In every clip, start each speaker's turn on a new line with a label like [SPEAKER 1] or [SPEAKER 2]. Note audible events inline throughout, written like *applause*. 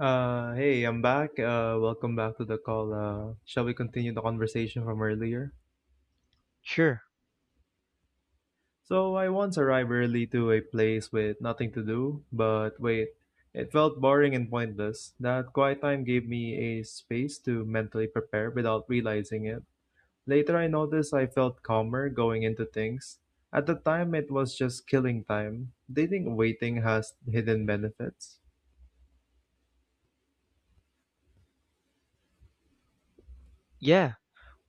[SPEAKER 1] Hey, I'm back. Welcome back to the call. Shall we continue the conversation from earlier?
[SPEAKER 2] Sure.
[SPEAKER 1] So, I once arrived early to a place with nothing to do, but wait, it felt boring and pointless. That quiet time gave me a space to mentally prepare without realizing it. Later, I noticed I felt calmer going into things. At the time, it was just killing time. Do you think waiting has hidden benefits?
[SPEAKER 2] Yeah.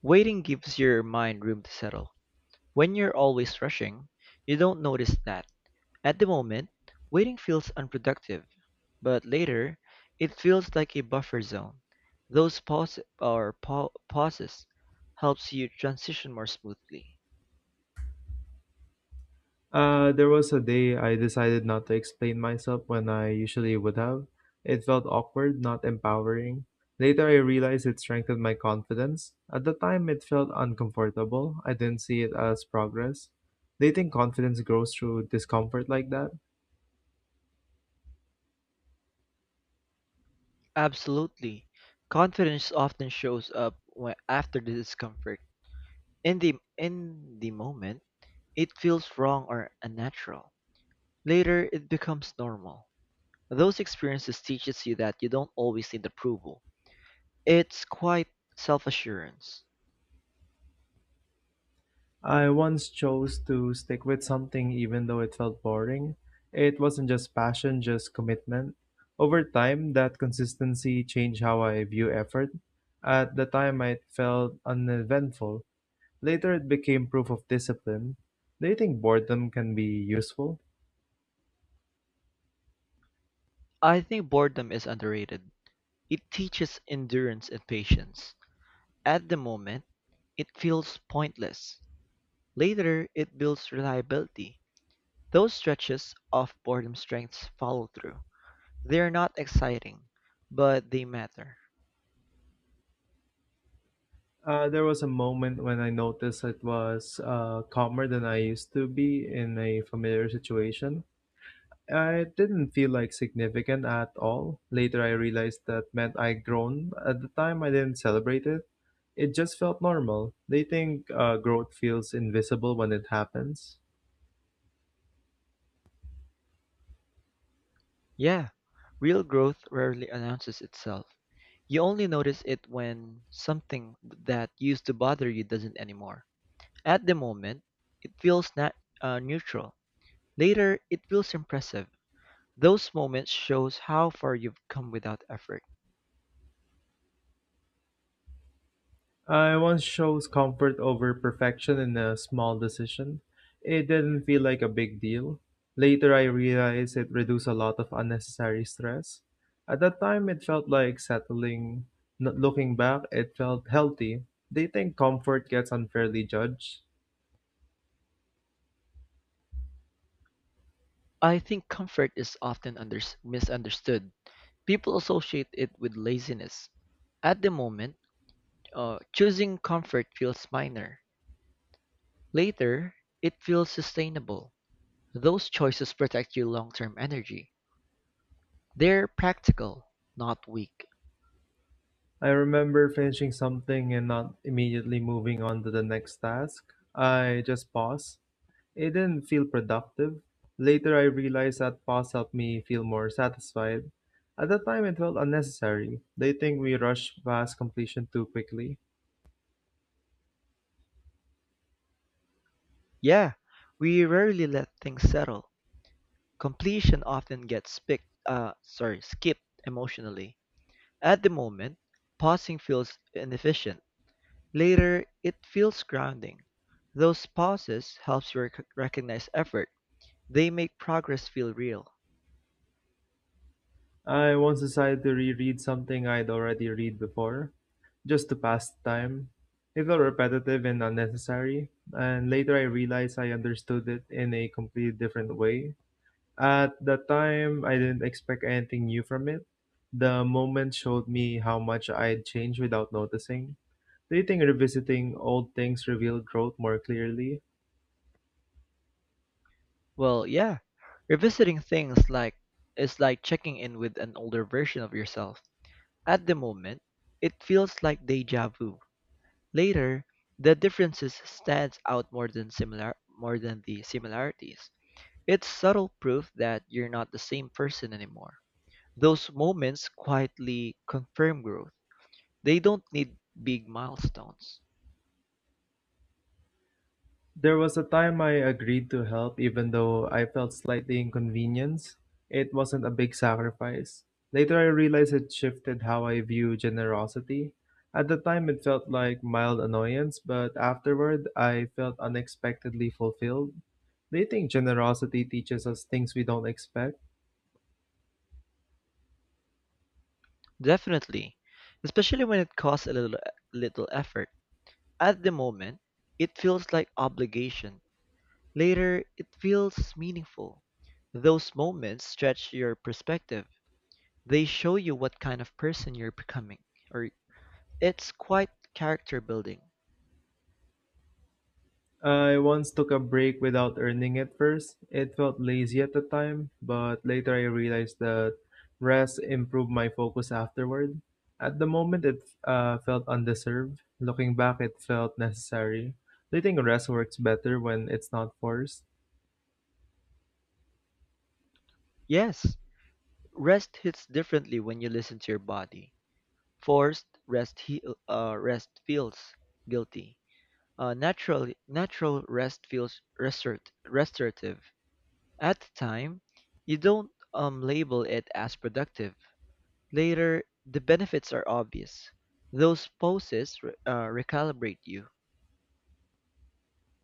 [SPEAKER 2] Waiting gives your mind room to settle. When you're always rushing, you don't notice that. At the moment, waiting feels unproductive, but later, it feels like a buffer zone. Those pauses helps you transition more smoothly.
[SPEAKER 1] There was a day I decided not to explain myself when I usually would have. It felt awkward, not empowering. Later, I realized it strengthened my confidence. At the time, it felt uncomfortable. I didn't see it as progress. Do you think confidence grows through discomfort like that?
[SPEAKER 2] Absolutely. Confidence often shows up when, after the discomfort. In the moment, it feels wrong or unnatural. Later, it becomes normal. Those experiences teaches you that you don't always need approval. It's quite self-assurance.
[SPEAKER 1] I once chose to stick with something even though it felt boring. It wasn't just passion, just commitment. Over time, that consistency changed how I view effort. At the time, it felt uneventful. Later, it became proof of discipline. Do you think boredom can be useful?
[SPEAKER 2] I think boredom is underrated. It teaches endurance and patience. At the moment, it feels pointless. Later, it builds reliability. Those stretches of boredom strengths follow through. They're not exciting, but they matter.
[SPEAKER 1] There was a moment when I noticed it was calmer than I used to be in a familiar situation. It didn't feel like significant at all. Later, I realized that meant I'd grown. At the time, I didn't celebrate it. It just felt normal. They think growth feels invisible when it happens.
[SPEAKER 2] Yeah, real growth rarely announces itself. You only notice it when something that used to bother you doesn't anymore. At the moment, it feels not neutral. Later, it feels impressive. Those moments shows how far you've come without effort.
[SPEAKER 1] I once chose comfort over perfection in a small decision. It didn't feel like a big deal. Later, I realized it reduced a lot of unnecessary stress. At that time, it felt like settling. Looking back, it felt healthy. They think comfort gets unfairly judged.
[SPEAKER 2] I think comfort is often misunderstood. People associate it with laziness. At the moment, choosing comfort feels minor. Later, it feels sustainable. Those choices protect your long term energy. They're practical, not weak.
[SPEAKER 1] I remember finishing something and not immediately moving on to the next task. I just paused. It didn't feel productive. Later, I realized that pause helped me feel more satisfied. At that time, it felt unnecessary. They think we rush past completion too quickly.
[SPEAKER 2] Yeah, we rarely let things settle. Completion often gets skipped emotionally. At the moment, pausing feels inefficient. Later, it feels grounding. Those pauses helps you recognize effort. They make progress feel real.
[SPEAKER 1] I once decided to reread something I'd already read before, just to pass the time. It felt repetitive and unnecessary, and later I realized I understood it in a completely different way. At the time, I didn't expect anything new from it. The moment showed me how much I'd changed without noticing. Do you think revisiting old things reveal growth more clearly?
[SPEAKER 2] Well, yeah. Revisiting things like is like checking in with an older version of yourself. At the moment, it feels like deja vu. Later, the differences stands out more than the similarities. It's subtle proof that you're not the same person anymore. Those moments quietly confirm growth. They don't need big milestones.
[SPEAKER 1] There was a time I agreed to help even though I felt slightly inconvenienced. It wasn't a big sacrifice. Later I realized it shifted how I view generosity. At the time it felt like mild annoyance, but afterward I felt unexpectedly fulfilled. Do you think generosity teaches us things we don't expect?
[SPEAKER 2] Definitely, especially when it costs a little effort. At the moment, it feels like obligation. Later, it feels meaningful. Those moments stretch your perspective. They show you what kind of person you're becoming, or it's quite character building.
[SPEAKER 1] I once took a break without earning it first. It felt lazy at the time, but later I realized that rest improved my focus afterward. At the moment, it felt undeserved. Looking back, it felt necessary. Do you think rest works better when it's not forced?
[SPEAKER 2] Yes, rest hits differently when you listen to your body. Forced rest, he- Rest feels guilty. Natural rest feels restorative. At the time, you don't label it as productive. Later, the benefits are obvious. Those poses recalibrate you.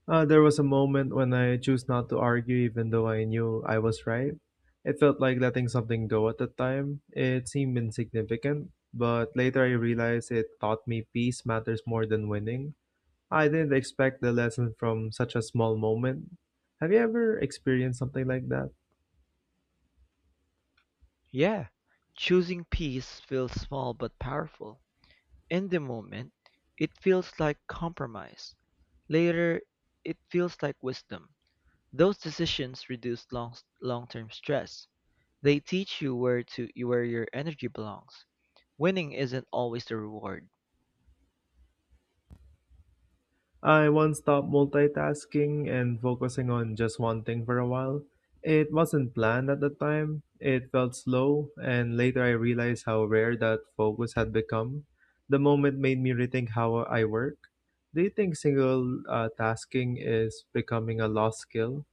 [SPEAKER 1] There was a moment when I chose not to argue even though I knew I was right. It felt like letting something go at the time. It seemed insignificant, but later I realized it taught me peace matters more than winning. I didn't expect the lesson from such a small moment. Have you ever experienced something like that?
[SPEAKER 2] Yeah, choosing peace feels small but powerful. In the moment, it feels like compromise. Later, it feels like wisdom. Those decisions reduce long-term stress. They teach you where your energy belongs. Winning isn't always the reward.
[SPEAKER 1] I once stopped multitasking and focusing on just one thing for a while. It wasn't planned at the time, it felt slow, and later I realized how rare that focus had become. The moment made me rethink how I work. Do you think single tasking is becoming a lost skill?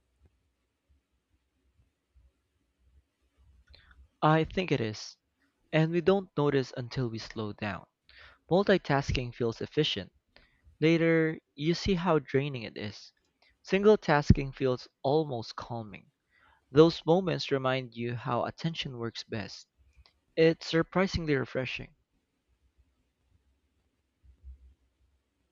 [SPEAKER 2] I think it is, and we don't notice until we slow down. Multitasking feels efficient. Later, you see how draining it is. Single tasking feels almost calming. Those moments remind you how attention works best. It's surprisingly refreshing.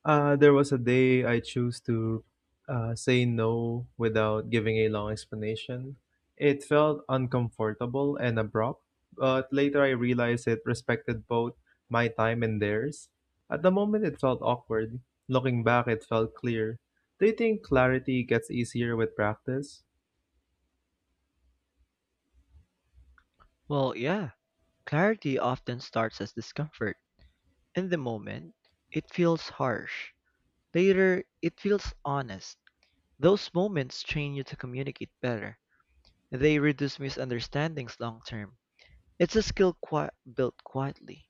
[SPEAKER 1] There was a day I chose to say no without giving a long explanation. It felt uncomfortable and abrupt, but later I realized it respected both my time and theirs. At the moment, it felt awkward. Looking back, it felt clear. Do you think clarity gets easier with practice?
[SPEAKER 2] Well, yeah, clarity often starts as discomfort. In the moment, it feels harsh. Later, it feels honest. Those moments train you to communicate better. They reduce misunderstandings long term. It's a skill built quietly.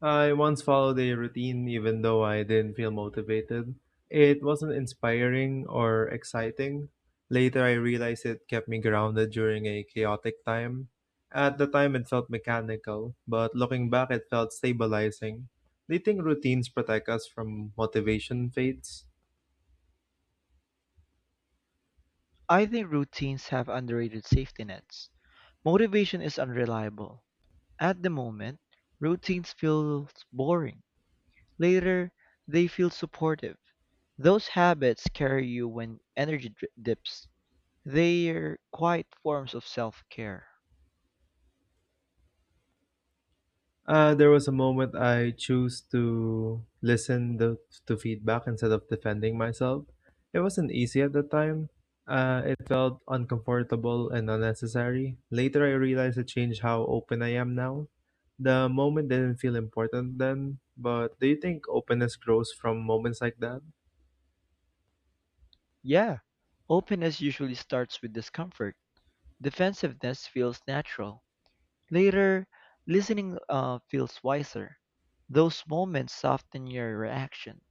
[SPEAKER 1] I once followed a routine even though I didn't feel motivated. It wasn't inspiring or exciting. Later, I realized it kept me grounded during a chaotic time. At the time, it felt mechanical, but looking back, it felt stabilizing. Do you think routines protect us from motivation fades?
[SPEAKER 2] I think routines have underrated safety nets. Motivation is unreliable. At the moment, routines feel boring. Later, they feel supportive. Those habits carry you when energy dips. They're quiet forms of self care.
[SPEAKER 1] There was a moment I chose to to feedback instead of defending myself. It wasn't easy at the time. It felt uncomfortable and unnecessary. Later, I realized it changed how open I am now. The moment didn't feel important then, but do you think openness grows from moments like that?
[SPEAKER 2] Yeah, openness usually starts with discomfort. Defensiveness feels natural. Later, listening feels wiser. Those moments soften your reaction.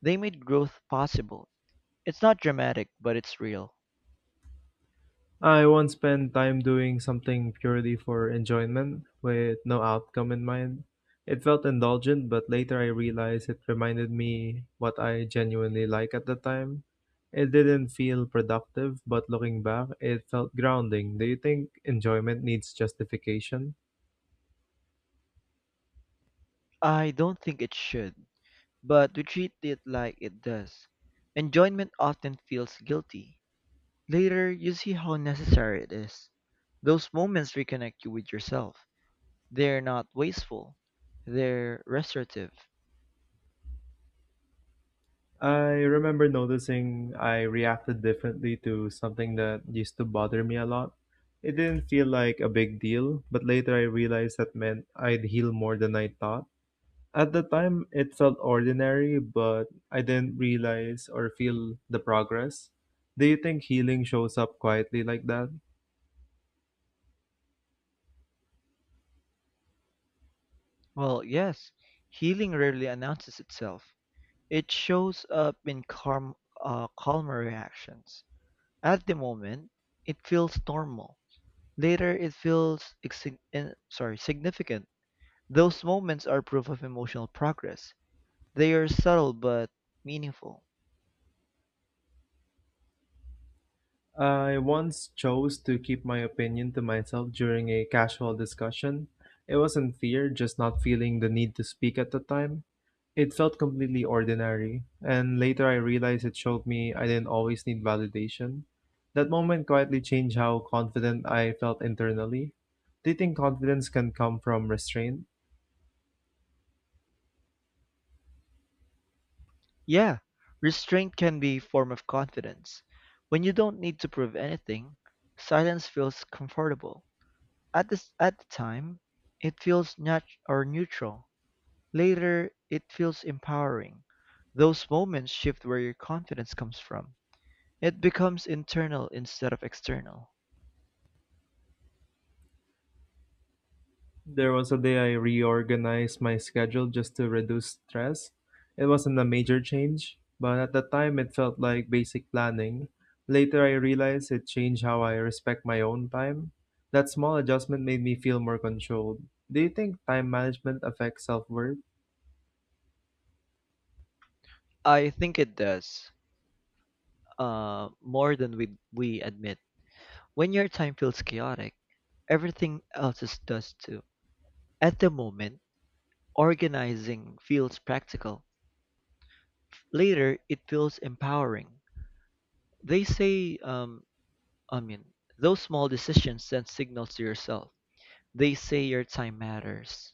[SPEAKER 2] They made growth possible. It's not dramatic, but it's real.
[SPEAKER 1] I once spent time doing something purely for enjoyment, with no outcome in mind. It felt indulgent, but later I realized it reminded me what I genuinely like at the time. It didn't feel productive, but looking back, it felt grounding. Do you think enjoyment needs justification?
[SPEAKER 2] I don't think it should, but we treat it like it does. Enjoyment often feels guilty. Later, you see how necessary it is. Those moments reconnect you with yourself. They're not wasteful, they're restorative.
[SPEAKER 1] I remember noticing I reacted differently to something that used to bother me a lot. It didn't feel like a big deal, but later I realized that meant I'd heal more than I thought. At the time, it felt ordinary, but I didn't realize or feel the progress. Do you think healing shows up quietly like that?
[SPEAKER 2] Well, yes, healing rarely announces itself. It shows up in calmer reactions. At the moment, it feels normal. Later, it feels significant. Those moments are proof of emotional progress. They are subtle but meaningful.
[SPEAKER 1] I once chose to keep my opinion to myself during a casual discussion. It wasn't fear, just not feeling the need to speak at the time. It felt completely ordinary, and later I realized it showed me I didn't always need validation. That moment quietly changed how confident I felt internally. Do you think confidence can come from restraint?
[SPEAKER 2] Yeah, restraint can be a form of confidence. When you don't need to prove anything, silence feels comfortable. At the time, it feels nat- or neutral. Later, it feels empowering. Those moments shift where your confidence comes from. It becomes internal instead of external.
[SPEAKER 1] There was a day I reorganized my schedule just to reduce stress. It wasn't a major change, but at the time it felt like basic planning. Later I realized it changed how I respect my own time. That small adjustment made me feel more controlled. Do you think time management affects self worth?
[SPEAKER 2] I think it does, more than we admit. When your time feels chaotic, everything else is does too. At the moment, organizing feels practical. Later, it feels empowering. They say, I mean, Those small decisions send signals to yourself. They say your time matters.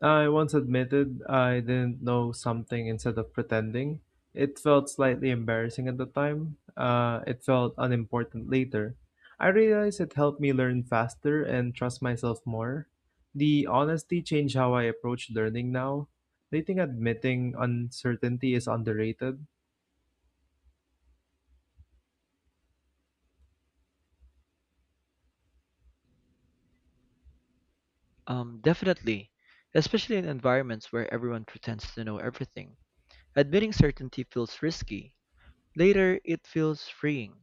[SPEAKER 1] I once admitted I didn't know something instead of pretending. It felt slightly embarrassing at the time. It felt unimportant later. I realized it helped me learn faster and trust myself more. The honesty changed how I approach learning now. Do you think admitting uncertainty is underrated?
[SPEAKER 2] Definitely, especially in environments where everyone pretends to know everything. Admitting certainty feels risky. Later, it feels freeing.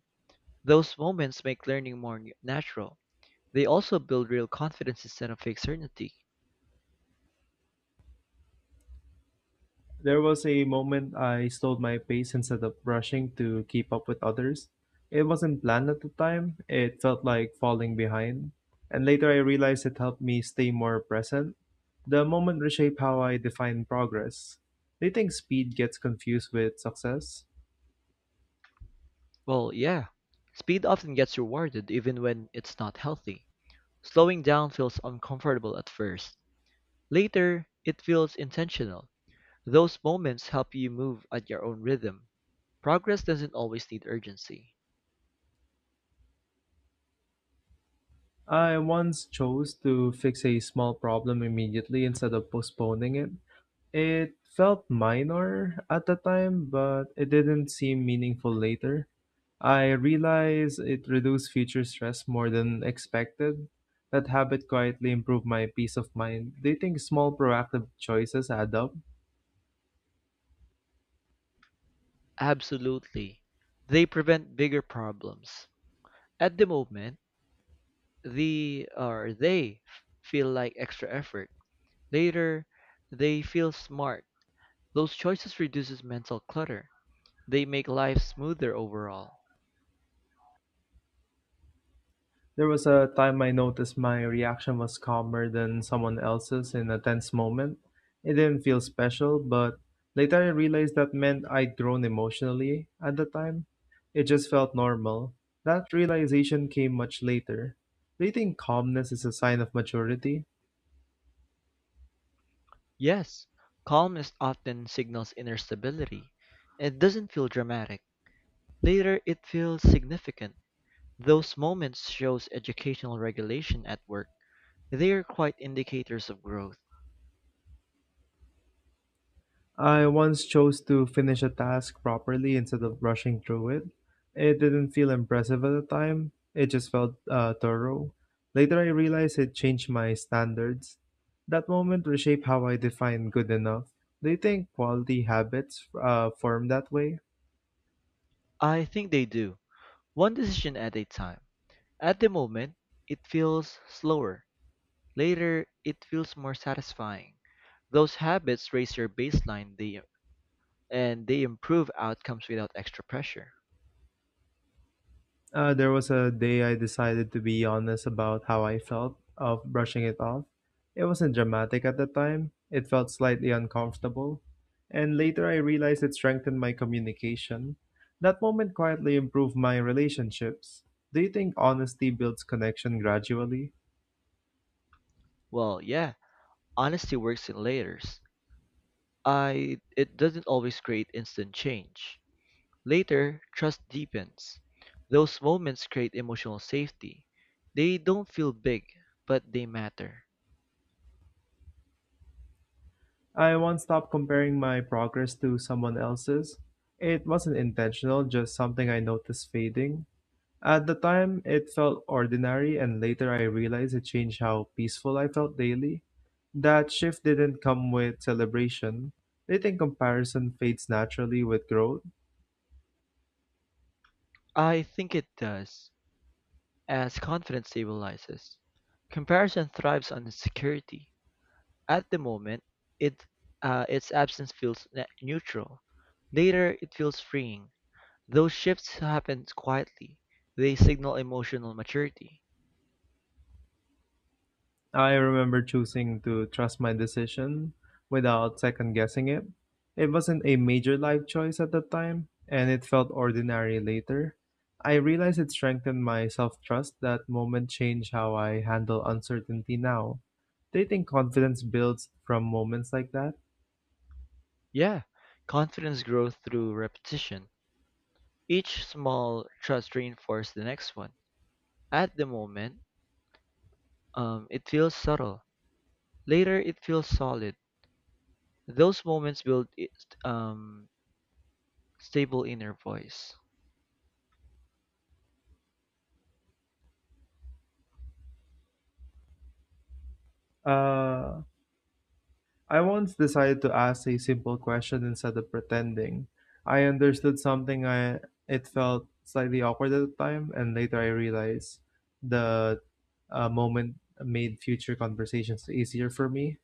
[SPEAKER 2] Those moments make learning more natural. They also build real confidence instead of fake certainty.
[SPEAKER 1] There was a moment I slowed my pace instead of rushing to keep up with others. It wasn't planned at the time, it felt like falling behind. And later I realized it helped me stay more present. The moment reshaped how I define progress. Do you think speed gets confused with success?
[SPEAKER 2] Well, yeah. Speed often gets rewarded even when it's not healthy. Slowing down feels uncomfortable at first. Later, it feels intentional. Those moments help you move at your own rhythm. Progress doesn't always need urgency.
[SPEAKER 1] I once chose to fix a small problem immediately instead of postponing it. It felt minor at the time, but it didn't seem meaningful later. I realized it reduced future stress more than expected. That habit quietly improved my peace of mind. Do you think small proactive choices add up?
[SPEAKER 2] Absolutely. They prevent bigger problems. At the moment, they feel like extra effort. Later, they feel smart. Those choices reduces mental clutter. They make life smoother overall.
[SPEAKER 1] There was a time I noticed my reaction was calmer than someone else's in a tense moment. It didn't feel special, but later I realized that meant I'd grown emotionally at the time. It just felt normal. That realization came much later. Do you think calmness is a sign of maturity?
[SPEAKER 2] Yes, calmness often signals inner stability. It doesn't feel dramatic. Later, it feels significant. Those moments shows educational regulation at work. They are quite indicators of growth.
[SPEAKER 1] I once chose to finish a task properly instead of rushing through it. It didn't feel impressive at the time, it just felt thorough. Later, I realized it changed my standards. That moment reshaped how I define good enough. Do you think quality habits form that way?
[SPEAKER 2] I think they do. One decision at a time. At the moment, it feels slower. Later, it feels more satisfying. Those habits raise your and they improve outcomes without extra pressure.
[SPEAKER 1] There was a day I decided to be honest about how I felt of brushing it off. It wasn't dramatic at the time, it felt slightly uncomfortable, and later I realized it strengthened my communication. That moment quietly improved my relationships. Do you think honesty builds connection gradually?
[SPEAKER 2] Well, yeah, honesty works in layers. I it doesn't always create instant change. Later, trust deepens. Those moments create emotional safety. They don't feel big, but they matter.
[SPEAKER 1] I once stopped comparing my progress to someone else's. It wasn't intentional, just something I noticed fading. At the time, it felt ordinary, and later I realized it changed how peaceful I felt daily. That shift didn't come with celebration. I think comparison fades naturally with growth.
[SPEAKER 2] I think it does, as confidence stabilizes. Comparison thrives on insecurity. At the moment, it its absence feels neutral. Later, it feels freeing. Those shifts happen quietly. They signal emotional maturity.
[SPEAKER 1] I remember choosing to trust my decision without second guessing it. It wasn't a major life choice at the time, and it felt ordinary later. I realized it strengthened my self trust. That moment changed how I handle uncertainty now. Do you think confidence builds from moments like that?
[SPEAKER 2] Yeah, confidence grows through repetition. Each small trust reinforces the next one. At the moment, it feels subtle. Later, it feels solid. Those moments build um, stable inner voice.
[SPEAKER 1] Uh, I once decided to ask a simple question instead of pretending. I understood something I It felt slightly awkward at the time, and later I realized the moment made future conversations easier for me.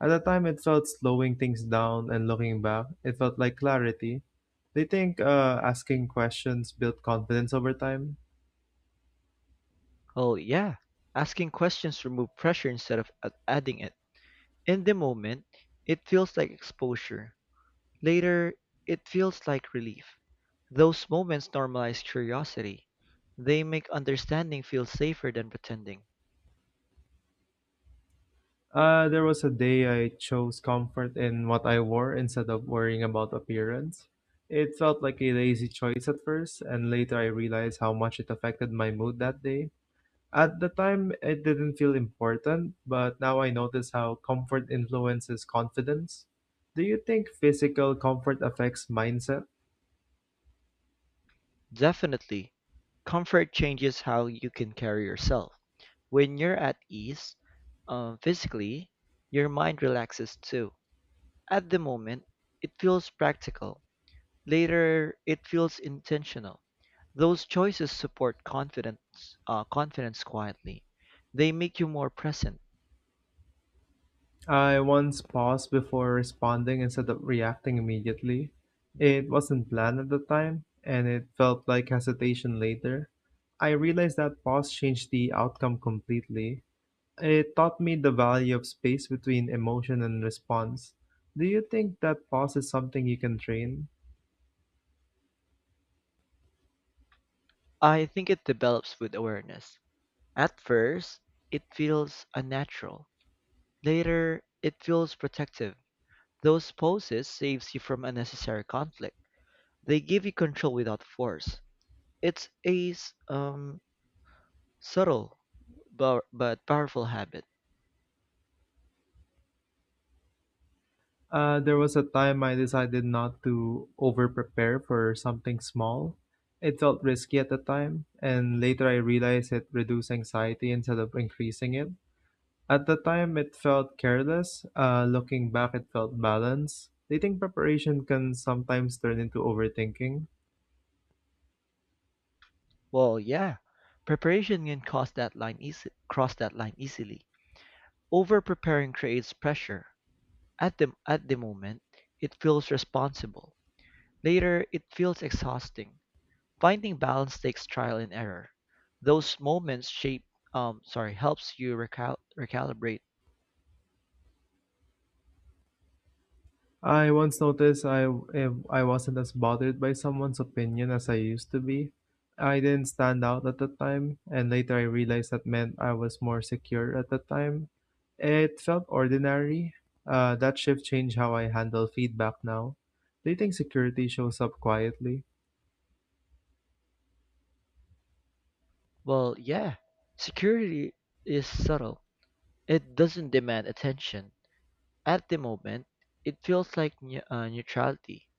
[SPEAKER 1] At the time, it felt slowing things down, and looking back, it felt like clarity. They think asking questions built confidence over time.
[SPEAKER 2] Oh, yeah, asking questions remove pressure instead of adding it. In the moment, it feels like exposure. Later, it feels like relief. Those moments normalize curiosity. They make understanding feel safer than pretending.
[SPEAKER 1] There was a day I chose comfort in what I wore instead of worrying about appearance. It felt like a lazy choice at first, and later I realized how much it affected my mood that day. At the time, it didn't feel important, but now I notice how comfort influences confidence. Do you think physical comfort affects mindset?
[SPEAKER 2] Definitely. Comfort changes how you can carry yourself. When you're at ease physically, your mind relaxes too. At the moment, it feels practical. Later, it feels intentional. Those choices support confidence quietly. They make you more present.
[SPEAKER 1] I once paused before responding instead of reacting immediately. It wasn't planned at the time, and it felt like hesitation later. I realized that pause changed the outcome completely. It taught me the value of space between emotion and response. Do you think that pause is something you can train?
[SPEAKER 2] I think it develops with awareness. At first, it feels unnatural. Later, it feels protective. Those poses saves you from unnecessary conflict. They give you control without force. It's a subtle but powerful habit.
[SPEAKER 1] There was a time I decided not to over prepare for something small. It felt risky at the time, and later I realized it reduced anxiety instead of increasing it. At the time, it felt careless. Looking back, it felt balanced. Do think preparation can sometimes turn into overthinking?
[SPEAKER 2] Well, yeah, preparation can cross that line easily. Over preparing creates pressure. At the moment, it feels responsible. Later, it feels exhausting. Finding balance takes trial and error. Those moments shape sorry helps you recalibrate.
[SPEAKER 1] I once noticed I if I wasn't as bothered by someone's opinion as I used to be. I didn't stand out at the time, and later I realized that meant I was more secure at the time. It felt ordinary. That shift changed how I handle feedback now. Do you think security shows up quietly?
[SPEAKER 2] Well, yeah, security is subtle. It doesn't demand attention. At the moment, it feels like neutrality.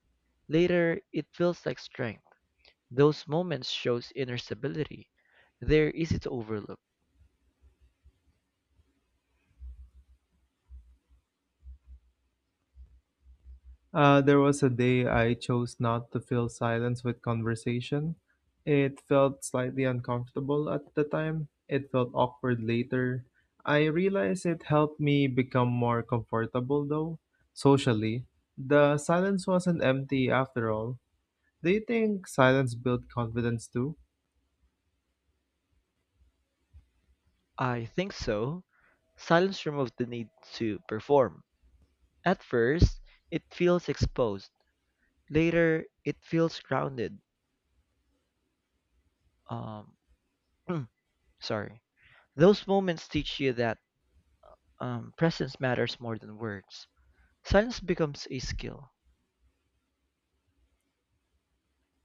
[SPEAKER 2] Later, it feels like strength. Those moments shows inner stability. They're easy to overlook.
[SPEAKER 1] There was a day I chose not to fill silence with conversation. It felt slightly uncomfortable at the time. It felt awkward later. I realized it helped me become more comfortable, though, socially. The silence wasn't empty after all. Do you think silence built confidence too?
[SPEAKER 2] I think so. Silence removes the need to perform. At first, it feels exposed. Later, it feels grounded. Um, *clears throat* sorry. Those moments teach you that presence matters more than words. Silence becomes a skill.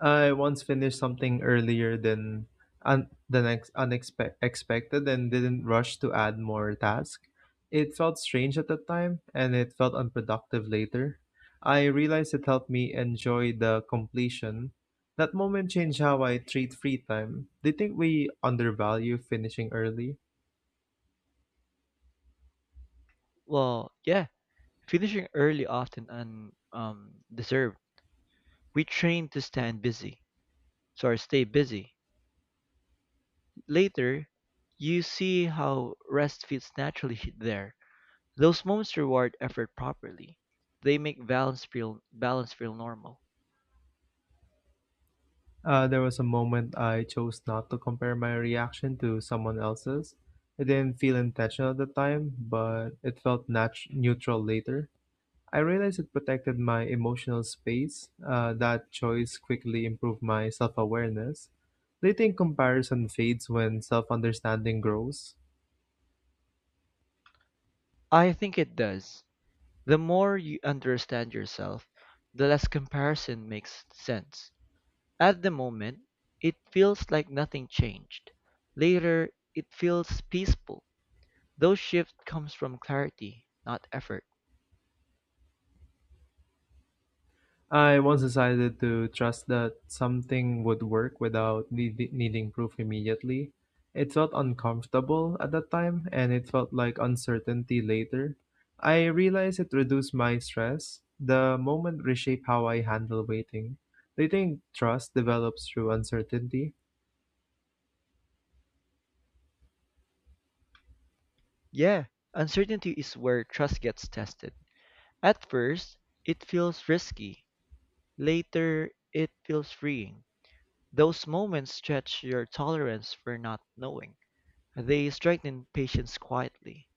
[SPEAKER 1] I once finished something earlier than the next unexpected expected and didn't rush to add more tasks. It felt strange at the time and it felt unproductive later. I realized it helped me enjoy the completion. That moment changed how I treat free time. Do you think we undervalue finishing early?
[SPEAKER 2] Well, yeah, finishing early often and deserved. We train to stand busy, sorry, Stay busy. Later, you see how rest fits naturally *laughs* there. Those moments reward effort properly. They make balance feel normal.
[SPEAKER 1] There was a moment I chose not to compare my reaction to someone else's. It didn't feel intentional at the time, but it felt neutral later. I realized it protected my emotional space. That choice quickly improved my self awareness. Do think comparison fades when self understanding grows?
[SPEAKER 2] I think it does. The more you understand yourself, the less comparison makes sense. At the moment, it feels like nothing changed. Later, it feels peaceful. Those shift comes from clarity, not effort.
[SPEAKER 1] I once decided to trust that something would work without needing proof immediately. It felt uncomfortable at that time and it felt like uncertainty later. I realized it reduced my stress. The moment reshaped how I handle waiting. Do think trust develops through uncertainty?
[SPEAKER 2] Yeah, uncertainty is where trust gets tested. At first, it feels risky. Later, it feels freeing. Those moments stretch your tolerance for not knowing. They strengthen patience quietly.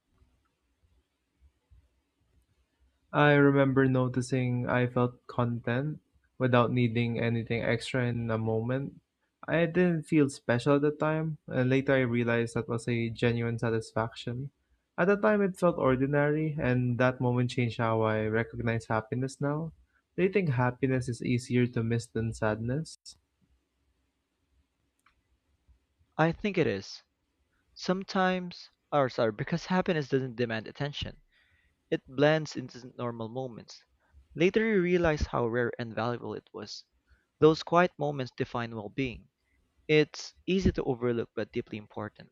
[SPEAKER 1] I remember noticing I felt content without needing anything extra in a moment. I didn't feel special at the time, and later I realized that was a genuine satisfaction. At the time, it felt ordinary, and that moment changed how I recognize happiness now. Do you think happiness is easier to miss than sadness?
[SPEAKER 2] I think it is. Because happiness doesn't demand attention. It blends into normal moments. Later you realize how rare and valuable it was. Those quiet moments define well-being. It's easy to overlook but deeply important.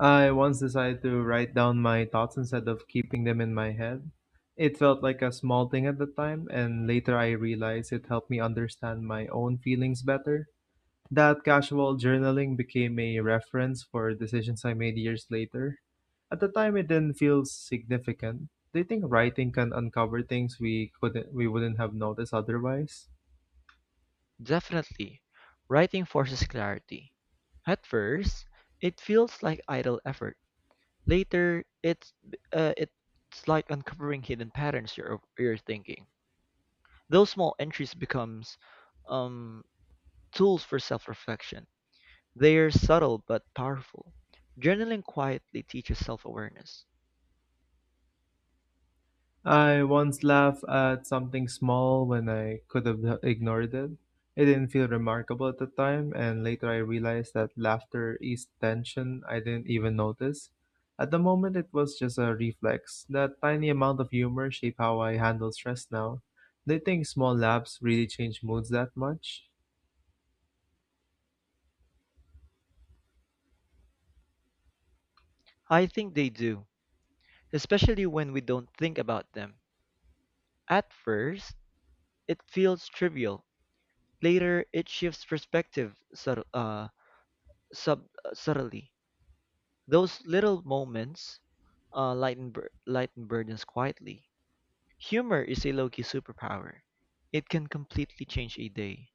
[SPEAKER 1] I once decided to write down my thoughts instead of keeping them in my head. It felt like a small thing at the time, and later I realized it helped me understand my own feelings better. That casual journaling became a reference for decisions I made years later. At the time, it didn't feel significant. Do you think writing can uncover things we wouldn't have noticed otherwise?
[SPEAKER 2] Definitely, writing forces clarity. At first, it feels like idle effort. Later, it's like uncovering hidden patterns you're thinking. Those small entries becomes um, tools for self-reflection. They are subtle but powerful. Journaling quietly teaches self-awareness.
[SPEAKER 1] I once laughed at something small when I could have ignored it. It didn't feel remarkable at the time, and later I realized that laughter eased tension I didn't even notice. At the moment, it was just a reflex. That tiny amount of humor shaped how I handle stress now. Do you think small laughs really change moods that much?
[SPEAKER 2] I think they do, especially when we don't think about them. At first, it feels trivial. Later, it shifts perspective subtly. Those little moments lighten burdens quietly. Humor is a low key superpower. It can completely change a day.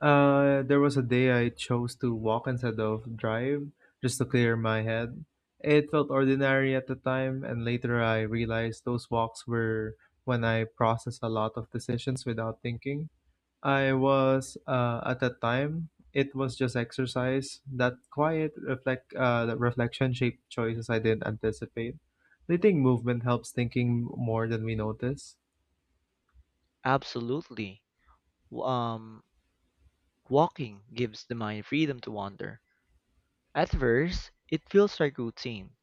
[SPEAKER 1] There was a day I chose to walk instead of drive just to clear my head. It felt ordinary at the time, and later I realized those walks were when I processed a lot of decisions without thinking. I was, at that time, it was just exercise. That that reflection shaped choices I didn't anticipate. Do you think movement helps thinking more than we notice?
[SPEAKER 2] Absolutely. W- Um, Walking gives the mind freedom to wander. At first, it feels like routine.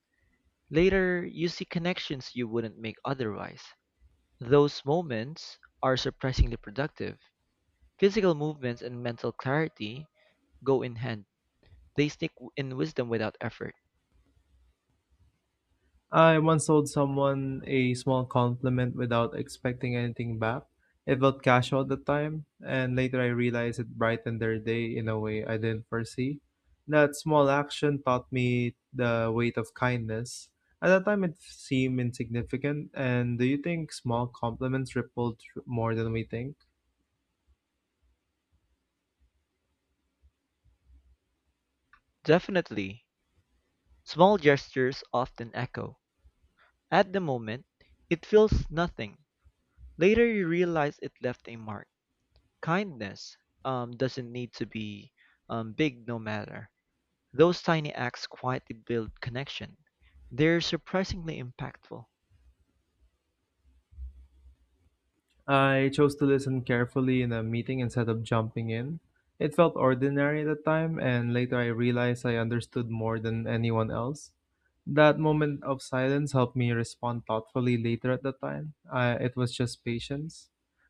[SPEAKER 2] Later, you see connections you wouldn't make otherwise. Those moments are surprisingly productive. Physical movements and mental clarity go in hand, they stick in wisdom without effort.
[SPEAKER 1] I once owed someone a small compliment without expecting anything back. It felt casual at the time, and later I realized it brightened their day in a way I didn't foresee. That small action taught me the weight of kindness. At the time, it seemed insignificant. And do you think small compliments more than we think?
[SPEAKER 2] Definitely, small gestures often echo. At the moment, it feels nothing. Later, you realize it left a mark. Kindness doesn't need to be big, no matter. Those tiny acts quietly build connection. They're surprisingly impactful.
[SPEAKER 1] I chose to listen carefully in a meeting instead of jumping in. It felt ordinary at the time, and later I realized I understood more than anyone else. That moment of silence helped me respond thoughtfully later at the time. It was just patience.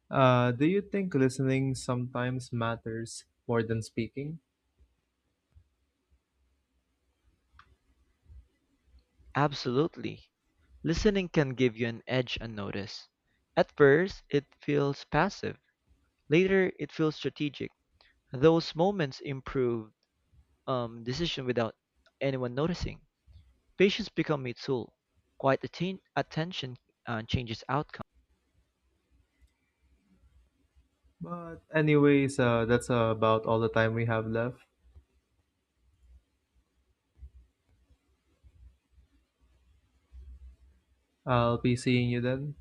[SPEAKER 1] Do you think listening sometimes matters more than speaking?
[SPEAKER 2] Absolutely. Listening can give you an edge unnoticed. At first, it feels passive. Later, it feels strategic. Those moments improve decision without anyone noticing. Patients become a tool; quiet attention changes outcomes.
[SPEAKER 1] But, anyways, that's about all the time we have left. I'll be seeing you then.